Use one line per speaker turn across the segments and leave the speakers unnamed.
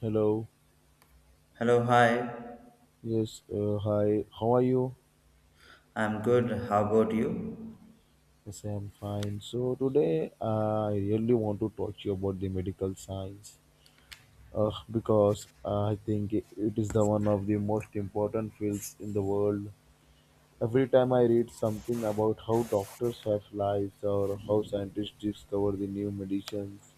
Hello.
Hello, hi.
Yes. Hi. How are you?
I'm good. How about you?
Yes, I am fine. So today, I really want to talk to you about the medical science, because I think it is the one of the most important fields in the world. Every time I read something about how doctors have lives or how scientists discover the new medicines,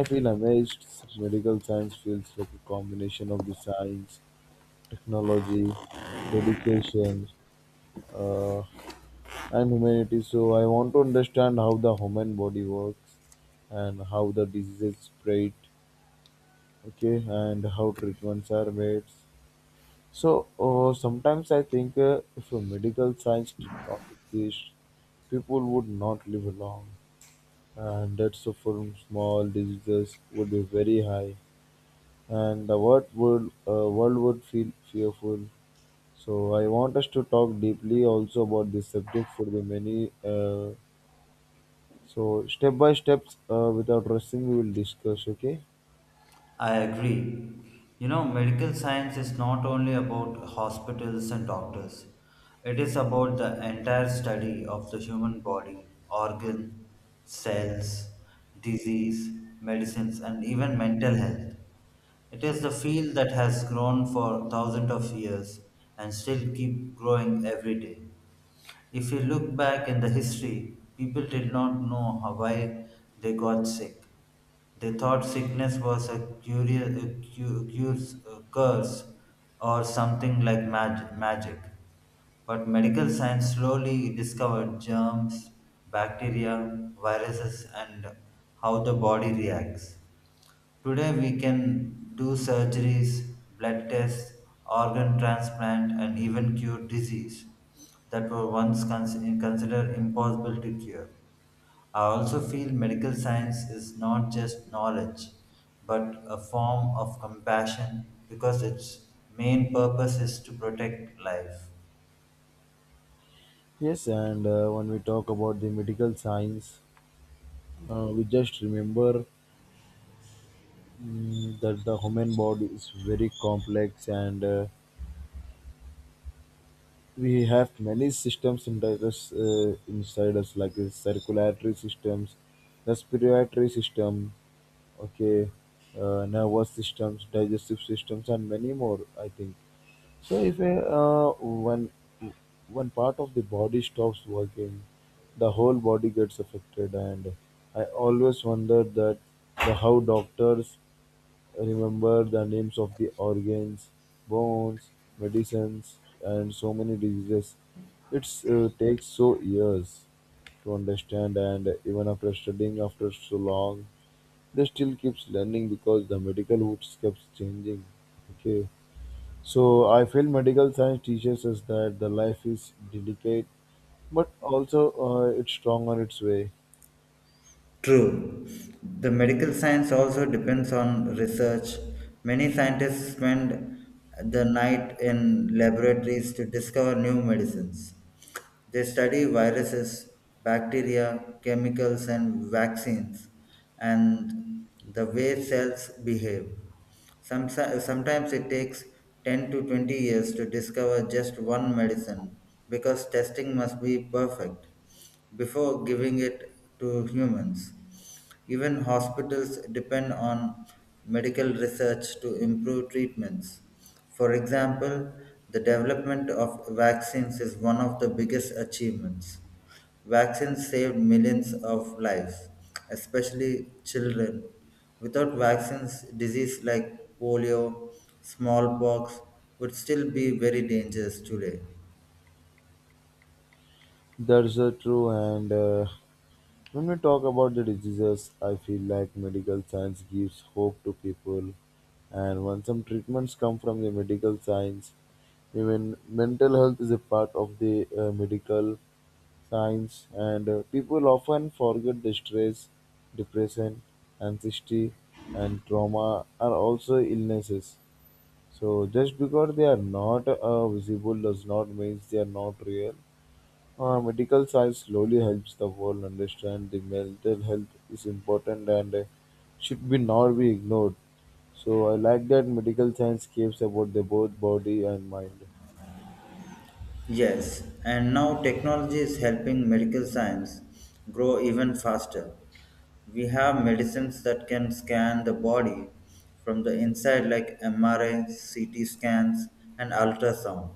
I feel amazed. Medical science feels like a combination of the science, technology, dedication, uh, and humanity. So I want to understand how the human body works and how the diseases spread, okay, and how treatments are made. So sometimes I think if a medical science did not exist, people would not live long, and deaths from small diseases would be very high, and the world would feel fearful. So I want us to talk deeply also about this subject for the many. So step by steps, without rushing, we will discuss. Okay.
I agree. Medical science is not only about hospitals and doctors, it is about the entire study of the human body, organ, cells, disease, medicines, and even mental health. It is the field that has grown for thousands of years and still keep growing every day. If you look back in the history, people did not know how, why they got sick. They thought sickness was a curious, a a curse, or something like magic. But medical science slowly discovered germs, bacteria, viruses, and how the body reacts. Today, we can do surgeries, blood tests, organ transplant, and even cure disease that were once considered impossible to cure. I also feel medical science is not just knowledge, but a form of compassion because its main purpose is to protect life.
Yes, and when we talk about the medical science, we just remember that the human body is very complex, and we have many systems inside us, inside us like the circulatory systems, respiratory system, okay, nervous systems, digestive systems, and many more. I think so if a, one one part of the body stops working, the whole body gets affected. And I always wonder that the how doctors remember the names of the organs, bones, medicines, and so many diseases. It's takes so years to understand, and even after studying after so long, they still keeps learning because the medical roots keeps changing. Okay. So I feel medical science teaches us that the life is delicate, but also it's strong on its way.
True. The medical science also depends on research. Many scientists spend the night in laboratories to discover new medicines. They study viruses, bacteria, chemicals, and vaccines, and the way cells behave. Sometimes it takes 10 to 20 years to discover just one medicine because testing must be perfect before giving it to humans. Even hospitals depend on medical research to improve treatments. For example, the development of vaccines is one of the biggest achievements. Vaccines saved millions of lives, especially children. Without vaccines, disease like polio, smallpox would still be very dangerous today.
That's true, and when we talk about the diseases, I feel like medical science gives hope to people, and when some treatments come from the medical science, even mental health is a part of the medical science, and people often forget the stress, depression, anxiety, and trauma are also illnesses. So just because they are not visible does not mean they are not real. Medical science slowly helps the world understand the mental health is important and should be not be ignored. So I like that medical science cares about the both body and mind.
Yes, and now technology is helping medical science grow even faster. We have medicines that can scan the body from the inside, like MRI, CT scans, and ultrasound.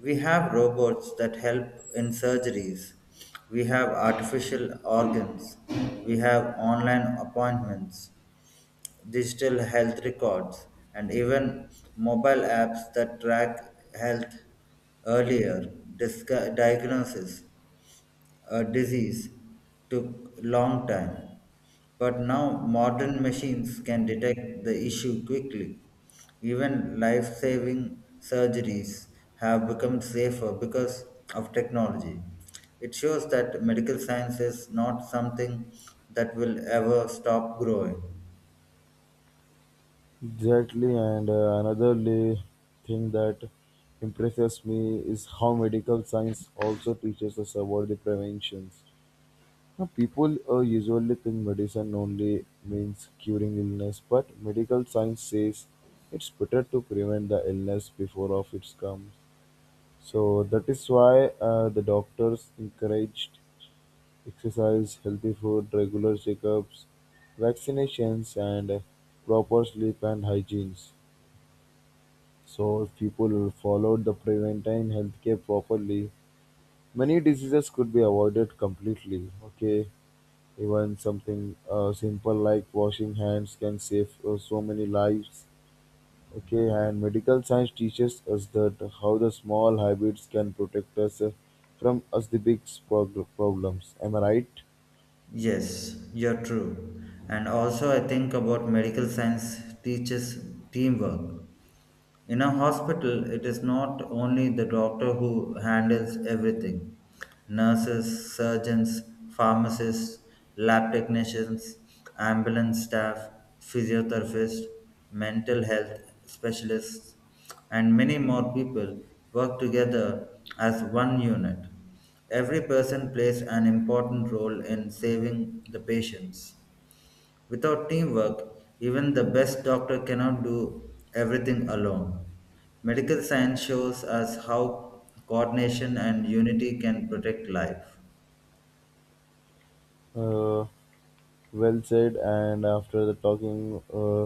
We have robots that help in surgeries. We have artificial organs. We have online appointments, digital health records, and even mobile apps that track health earlier, diagnosis, a disease took long time, but now modern machines can detect the issue quickly. Even life-saving surgeries have become safer because of technology. It shows that medical science is not something that will ever stop growing.
Exactly, and another thing that impresses me is how medical science also teaches us about the preventions. Now people usually think medicine only means curing illness, but medical science says it's better to prevent the illness before of it comes. So that is why the doctors encouraged exercise, healthy food, regular checkups, vaccinations, and proper sleep and hygienes. So if people followed the preventive healthcare properly, many diseases could be avoided completely. Okay. Even something simple like washing hands can save so many lives. Okay, and medical science teaches us that how the small habits can protect us from us the big problems. Am I right?
Yes, you're true. And also, I think about medical science teaches teamwork. In a hospital, it is not only the doctor who handles everything: nurses, surgeons, pharmacists, lab technicians, ambulance staff, physiotherapists, mental health specialists, and many more people work together as one unit. Every person plays an important role in saving the patients. Without teamwork, even the best doctor cannot do everything alone. Medical science shows us how coordination and unity can protect life.
Uh, well said. And after the talking,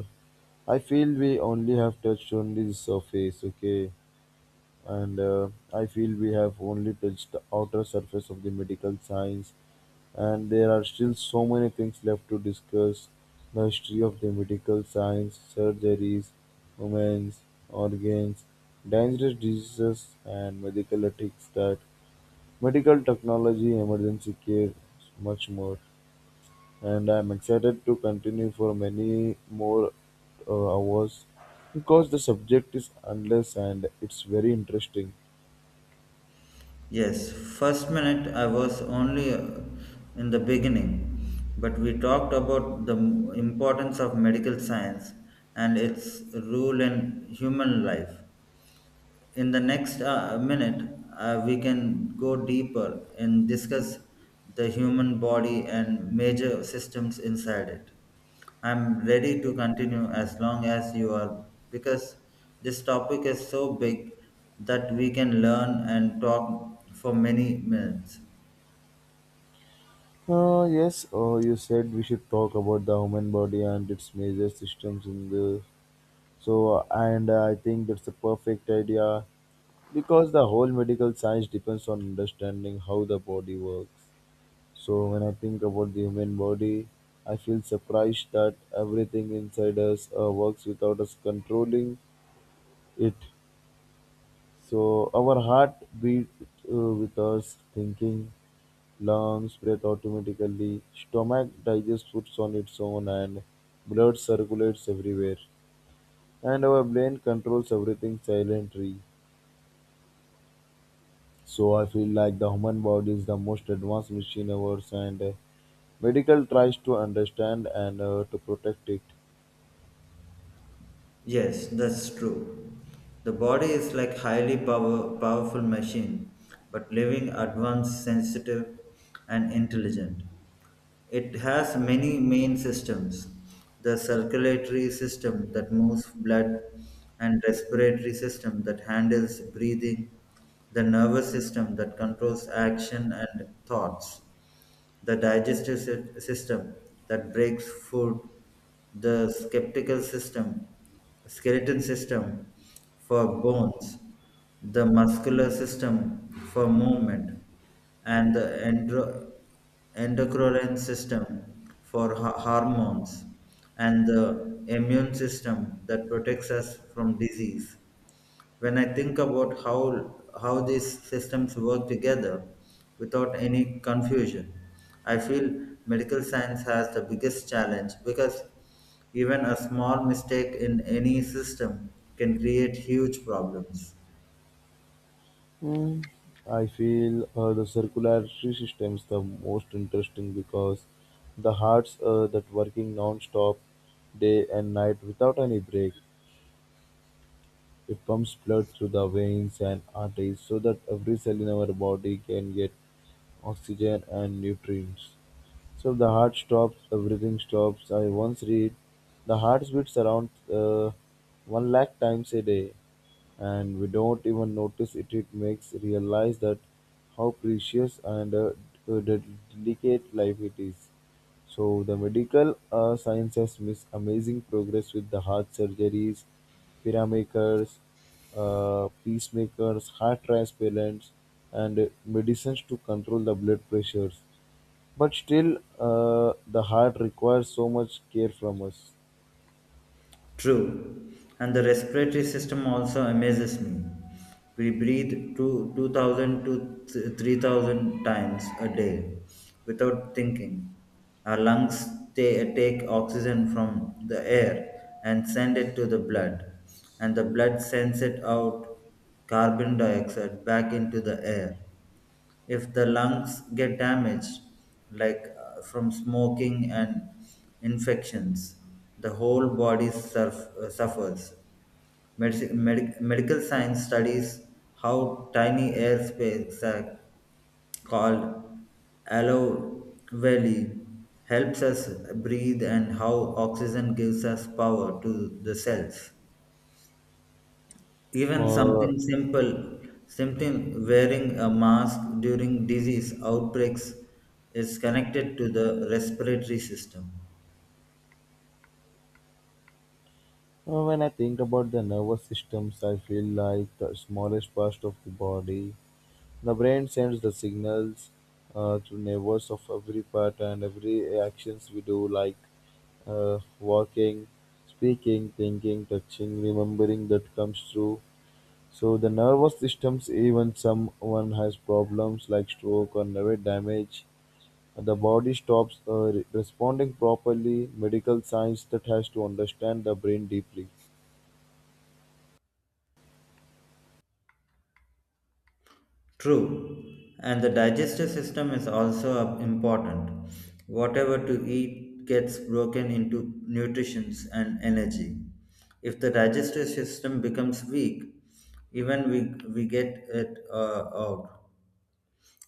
I feel we only have touched on the surface. Okay. And I feel we have only touched the outer surface of the medical science, and there are still so many things left to discuss the history of the medical science, surgeries, women's organs, dangerous diseases, and medical ethics that medical technology, emergency care, much more. And I'm excited to continue for many more hours because the subject is endless and it's very interesting.
Yes, first minute I was only in the beginning, but we talked about the importance of medical science and its role in human life. In the next minute we can go deeper and discuss the human body and major systems inside it. I'm ready to continue as long as you are, because this topic is so big that we can learn and talk for many minutes.
Yes, you said we should talk about the human body and its major systems in the so and I think that's a perfect idea because the whole medical science depends on understanding how the body works. So when I think about the human body, I feel surprised that everything inside us works without us controlling it. So our heart beat with us thinking, lungs breathe automatically, stomach digests foods on its own, and blood circulates everywhere. And our brain controls everything silently. So I feel like the human body is the most advanced machine ours, and medical tries to understand and to protect it.
Yes, that's true. The body is like highly powerful machine, but living, advanced, sensitive, and intelligent. It has many main systems: the circulatory system that moves blood, and respiratory system that handles breathing, the nervous system that controls action and thoughts, the digestive system that breaks food, the skeleton system for bones, the muscular system for movement, and the endocrine system for hormones, and the immune system that protects us from disease. When I think about how these systems work together without any confusion, I feel medical science has the biggest challenge because even a small mistake in any system can create huge problems.
Hmm. I feel the circulatory system is the most interesting because the hearts that working non-stop day and night without any break. It pumps blood through the veins and arteries so that every cell in our body can get oxygen and nutrients. So if the heart stops, everything stops. I once read the heart beats around one lakh times a day, and we don't even notice it. It makes realize that how precious and uh, de- delicate life it is. So the medical science has made amazing progress with the heart surgeries, pyramakers, peacemakers, heart transplants, and medicines to control the blood pressures. But still, the heart requires so much care from us.
True. And the respiratory system also amazes me. We breathe 2000 to 3000 times a day without thinking. Our lungs take oxygen from the air and send it to the blood, and the blood sends it out carbon dioxide back into the air. If the lungs get damaged, like from smoking and infections, the whole body suffers. Medical science studies how tiny airspace sac called alveoli helps us breathe, and how oxygen gives us power to the cells. Even
Uh, uh,
something simple, something wearing a mask during disease outbreaks, is connected to the respiratory system.
when I think about the nervous systems, I feel like the smallest part of the body. The brain sends the signals to nerves of every part and every actions we do, like walking, speaking, thinking, touching, remembering that comes through. So the nervous systems, even someone has problems like stroke or nerve damage, the body stops responding properly. Medical science that has to understand the brain deeply.
True, and the digestive system is also important. Whatever to eat gets broken into nutrients and energy. If the digestive system becomes weak, even we get it out.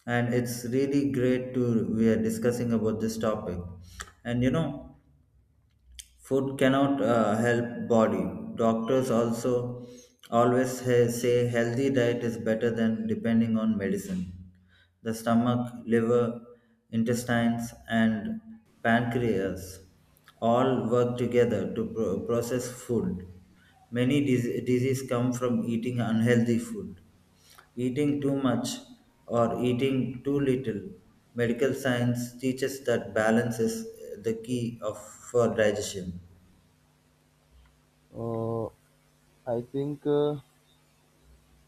And it's really great to we are discussing about this topic. And food cannot help body. Doctors also always say healthy diet is better than depending on medicine. The stomach, liver, intestines, and pancreas all work together to process food. Many diseases come from eating unhealthy food. Eating too much or eating too little, medical science teaches that balance is the key of, for digestion.
Uh, I think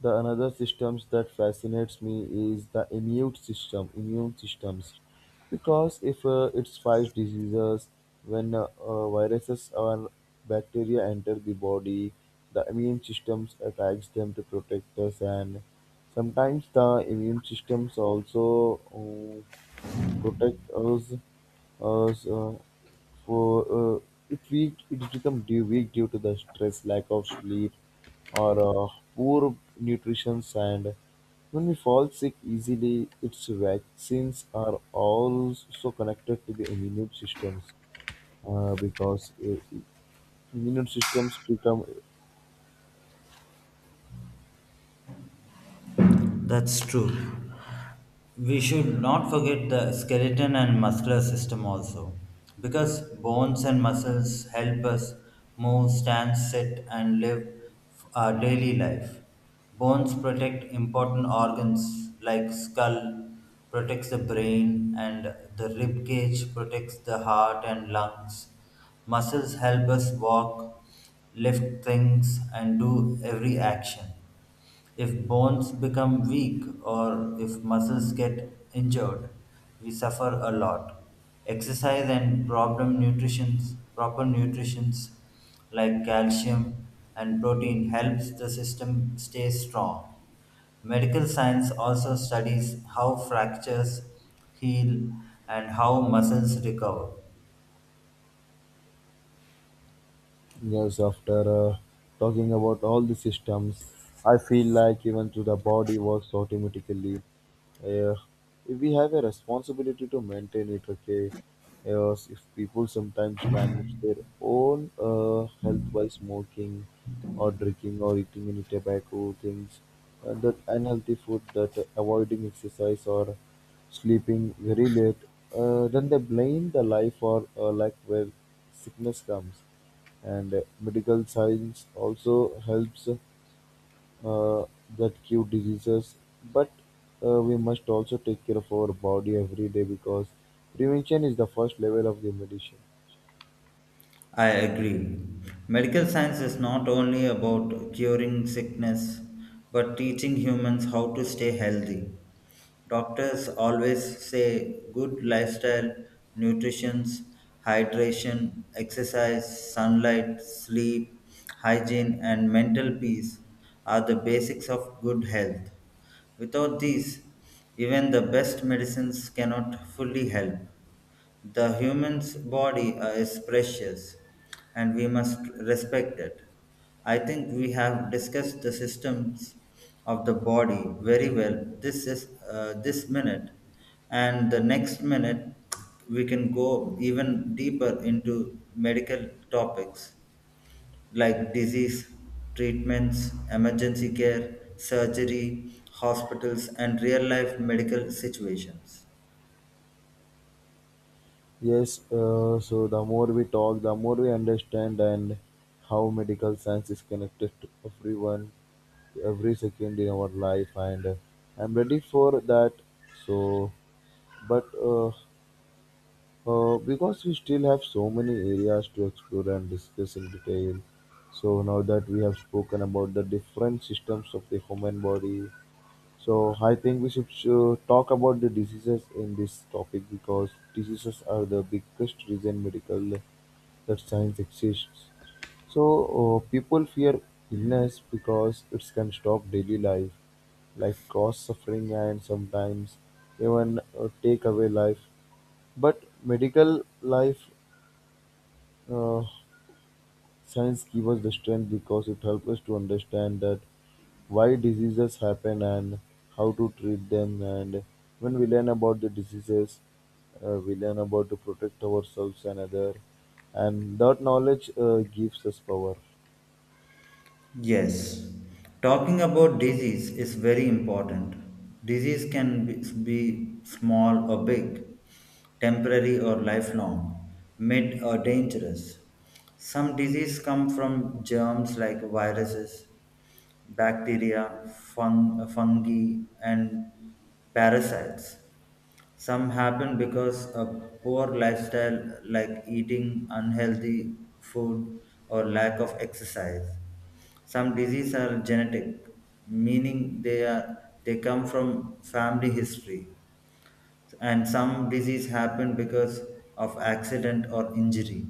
the another systems that fascinates me is the immune systems, because if it fights diseases, when viruses or bacteria enter the body, the immune systems attacks them to protect us, and sometimes the immune systems also. Protect us for uh, it weak it's become due weak due to the stress lack of sleep or poor nutrition and when we fall sick easily its vaccines are also connected to the immune systems because immune systems become.
That's true. We should not forget the skeleton and muscular system also, because bones and muscles help us move, stand, sit, and live our daily life. Bones protect important organs like skull, protects the brain, and the rib cage protects the heart and lungs. Muscles help us walk, lift things, and do every action. If bones become weak or if muscles get injured, we suffer a lot. Exercise and proper nutrition like calcium and protein helps the system stay strong. Medical science also studies how fractures heal and how muscles recover.
Yes, after talking about all the systems, I feel like even though the body works automatically, uh, we have a responsibility to maintain it. Okay, yes, if people sometimes damage their own health by smoking, or drinking, or eating any tobacco things, that unhealthy food, that avoiding exercise or sleeping very late, then they blame the life or lack where sickness comes. And medical science also helps uh, that cure diseases, but we must also take care of our body every day because prevention is the first level of the medicine.
I agree. Medical science is not only about curing sickness, but teaching humans how to stay healthy. Doctors always say good lifestyle, nutrition, hydration, exercise, sunlight, sleep, hygiene, and mental peace are the basics of good health. Without these, even the best medicines cannot fully help. The human's body is precious, and we must respect it. I think we have discussed the systems of the body very well. This is this minute, and the next minute we can go even deeper into medical topics like disease treatments, emergency care, surgery, hospitals, and real life medical situations.
Yes, so the more we talk, the more we understand and how medical science is connected to everyone, to every second in our life, and I'm ready for that. So, but because we still have so many areas to explore and discuss in detail. So now that we have spoken about the different systems of the human body, so I think we should talk about the diseases in this topic because diseases are the biggest reason medical that science exists. So people fear illness because it can stop daily life, like cause suffering and sometimes even take away life. But medical life uh, science gives us the strength because it helps us to understand that why diseases happen and how to treat them. And when we learn about the diseases, we learn about to protect ourselves and other. And that knowledge gives us power.
Yes, talking about disease is very important. Disease can be small or big, temporary or lifelong, mid or dangerous. Some disease come from germs like viruses, bacteria, fungi, and parasites. Some happen because a poor lifestyle, like eating unhealthy food or lack of exercise. Some diseases are genetic, meaning they come from family history, and some disease happen because of accident or injury.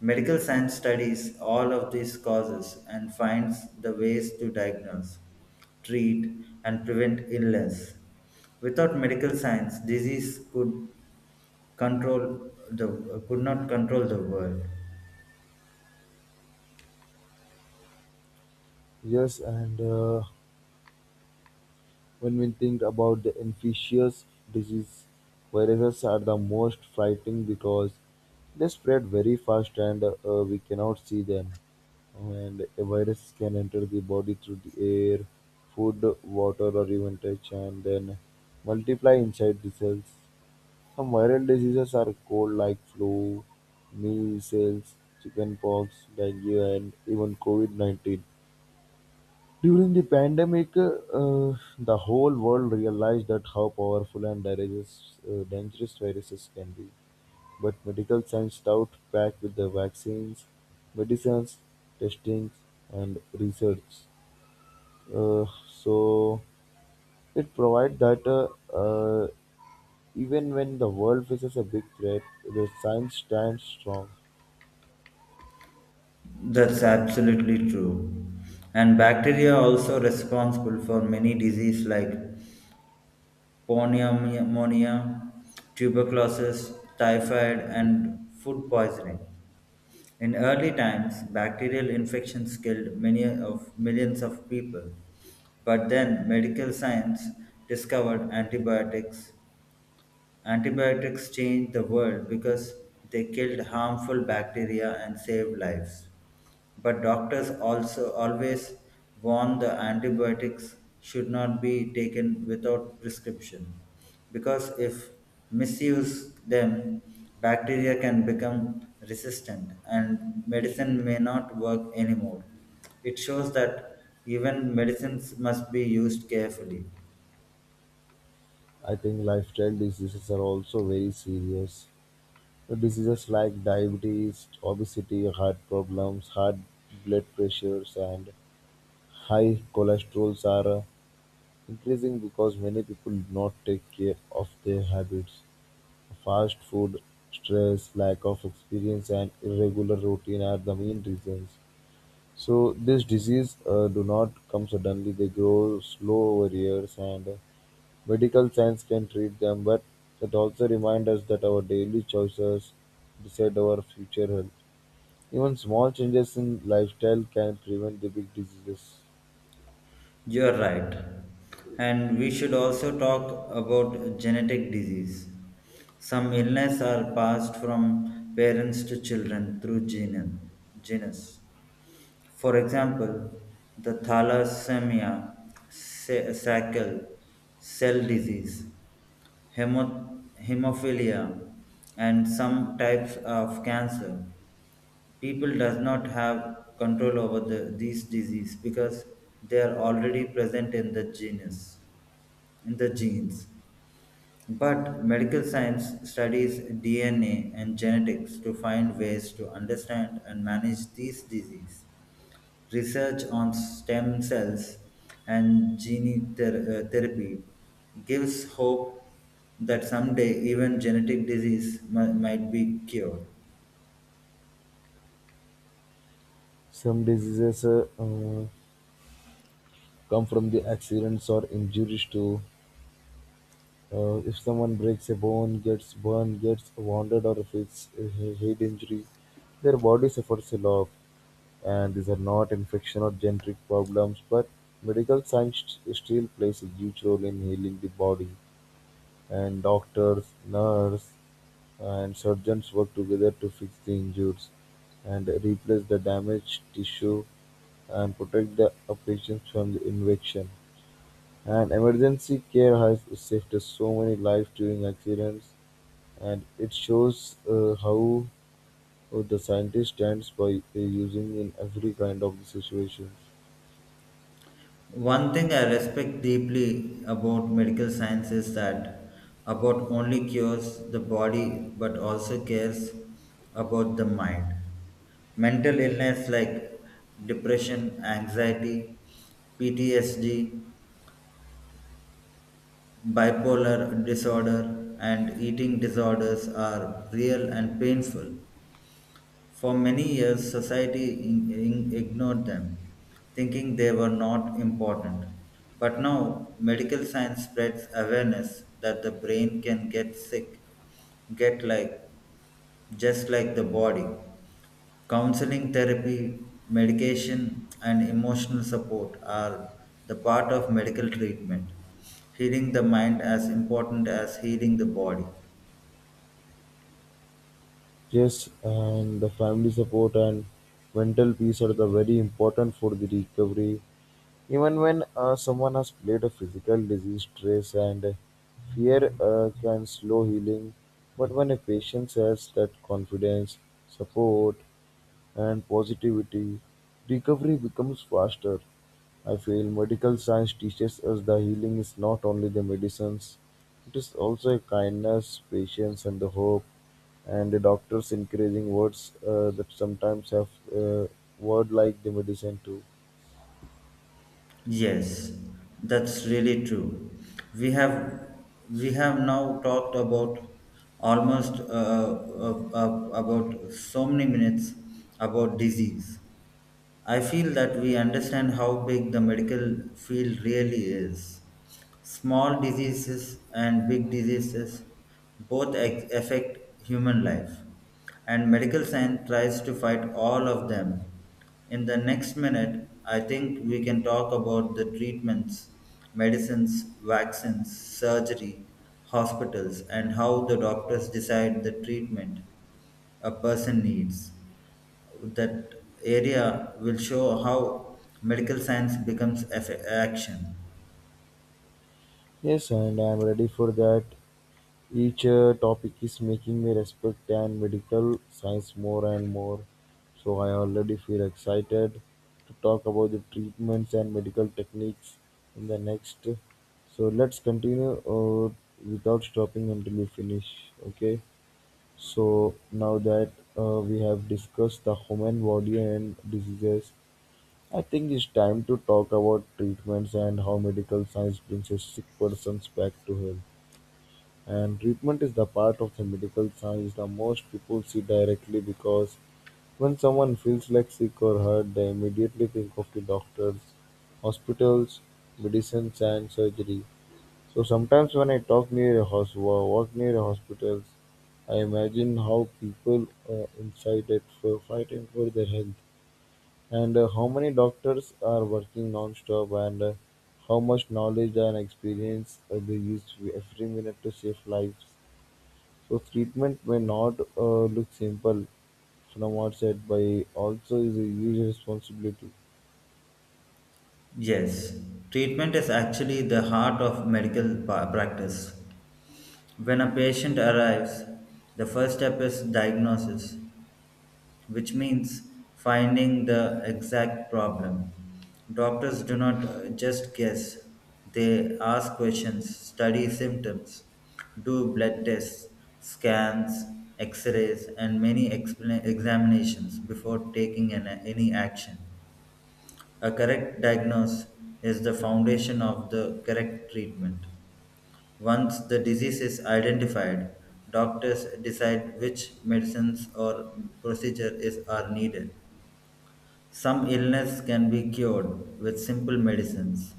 Medical science studies all of these causes and finds the ways to diagnose, treat, and prevent illness. Without medical science, disease could control the could not control the world.
Yes, and when we think about the infectious disease, viruses are the most frightening because they spread very fast and we cannot see them. And a virus can enter the body through the air, food, water, or even touch, and then multiply inside the cells. Some viral diseases are cold, like flu, measles, chickenpox, dengue, and even COVID COVID-19. During the pandemic, the whole world realized that how powerful and dangerous viruses can be. But medical science doubt back with the vaccines, medicines, testings, and research. So it provides that uh, even when the world faces a big threat, the science stands strong.
That's absolutely true. And bacteria are also responsible for many diseases like pneumonia, tuberculosis, typhoid, and food poisoning. In early times, bacterial infections killed many of millions of people. But then medical science discovered antibiotics. Antibiotics changed the world because they killed harmful bacteria and saved lives. But doctors also always warn the antibiotics should not be taken without prescription, because if misuse them, bacteria can become resistant and medicine may not work anymore. It shows that even medicines must be used carefully.
I think lifestyle diseases are also very serious. Diseases like diabetes, obesity, heart problems, high blood pressures, and high cholesterols are increasing because many people do not take care of their habits. Fast food, stress, lack of experience, and irregular routine are the main reasons. So these diseases do not come suddenly; they grow slow over years, and medical science can treat them. But that also reminds us that our daily choices decide our future health. Even small changes in lifestyle can prevent the big diseases.
You're right. And we should also talk about genetic disease. Some illness are passed from parents to children through genes. For example, the thalassemia, sickle cell disease, hemophilia, and some types of cancer. People does not have control over the, these disease because they are already present in the genus in the genes, but medical science studies DNA and genetics to find ways to understand and manage these disease. Research on stem cells and gene therapy gives hope that someday even genetic disease might be cured.
Some diseases come from the accidents or injuries too. If someone breaks a bone, gets burned, gets wounded, or faces a head injury, their body suffers a lot. And these are not infection or genetic problems, but medical science still plays a huge role in healing the body. And doctors, nurse, and surgeons work together to fix the injuries and replace the damaged tissue and protect the patients from the infection. And emergency care has saved so many lives during accidents, and it shows how the scientist stands by using in every kind of situations.
One thing I respect deeply about medical science is that about only cures the body but also cares about the mind. Mental illness like depression, anxiety, PTSD, bipolar disorder, and eating disorders are real and painful. For many years, society ignored them, thinking they were not important. But now, medical science spreads awareness that the brain can get sick, get like just like the body. Counseling therapy, medication, and emotional support are the part of medical treatment. Healing the mind as important as healing the body.
Yes, and the family support and mental peace are the very important for the recovery. Even when someone has played a physical disease, stress and fear can slow healing. But when a patient has that confidence, support, and positivity, recovery becomes faster. I feel medical science teaches us that healing is not only the medicines, it is also a kindness, patience, and the hope. And the doctors encouraging words that sometimes have uh, word like the medicine too.
Yes, that's really true. We have we have now talked about almost about so many minutes about disease. I feel that we understand how big the medical field really is. Small diseases and big diseases both affect human life, and medical science tries to fight all of them. In the next minute, I think we can talk about the treatments, medicines, vaccines, surgery, hospitals, and how the doctors decide the treatment a person needs. That area will show how medical science becomes action.
Yes, and I'm ready for that. Each topic is making me respect and medical science more and more. So I already feel excited to talk about the treatments and medical techniques in the next. So let's continue without stopping until we finish. Okay. So now that we have discussed the human body and diseases, I think it's time to talk about treatments and how medical science brings a sick person's back to health. And treatment is the part of the medical science that most people see directly because when someone feels like sick or hurt, they immediately think of the doctors, hospitals, medicines, and surgery. So sometimes when I talk near a hospital, walk near a hospitals, I imagine how people inside it for fighting for their health, and how many doctors are working non-stop, and how much knowledge and experience they use every minute to save lives. So treatment may not look simple from outside, but also is a huge responsibility.
Yes, treatment is actually the heart of medical practice. When a patient arrives, the first step is diagnosis, which means finding the exact problem. Doctors do not just guess, they ask questions, study symptoms, do blood tests, scans, x rays, and many examinations before taking any action. A correct diagnosis is the foundation of the correct treatment. Once the disease is identified, doctors decide which medicines or procedure is are needed. Some illness can be cured with simple medicines,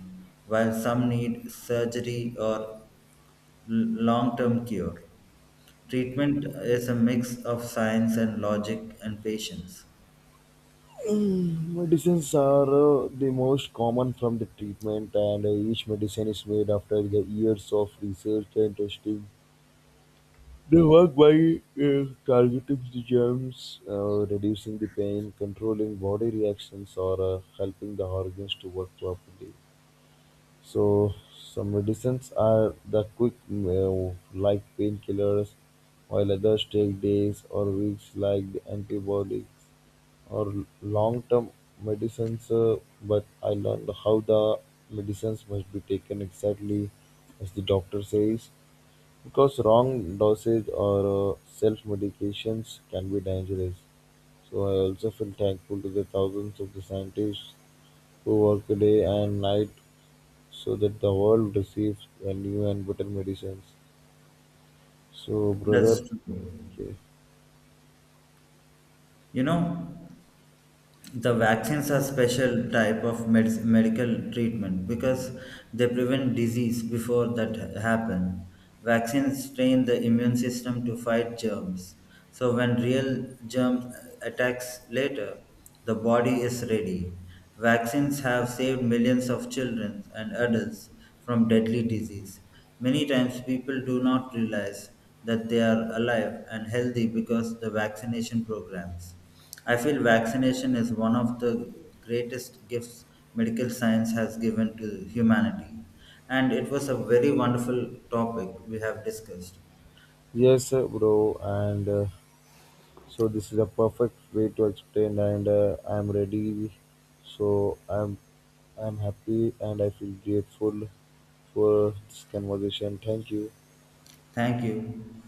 while some need surgery or long term cure. Treatment is a mix of science and logic and patience.
Medicines are the most common from the treatment, and each medicine is made after the years of research and testing. They work by targeting the germs, reducing the pain, controlling body reactions, or helping the organs to work properly. So some medicines are the quick move, like painkillers, while others take days or weeks, like the antibiotics or long-term medicines. But I learned how the medicines must be taken exactly as the doctor says, because wrong dosage or self-medications can be dangerous. So I also feel thankful to the thousands of the scientists who work day and night so that the world receives new and better medicines. So,
That's
brother,
true.
okay.
You know, the vaccines are special type of medical treatment because they prevent disease before that happen. Vaccines train the immune system to fight germs, so when real germs attacks later, the body is ready. Vaccines have saved millions of children and adults from deadly disease. Many times people do not realize that they are alive and healthy because the vaccination programs. I feel vaccination is one of the greatest gifts medical science has given to humanity. And it was a very wonderful topic we have discussed.
Yes, bro, and so this is a perfect way to explain, and I'm ready. So I'm happy, and I feel grateful for this conversation. Thank you.
Thank you.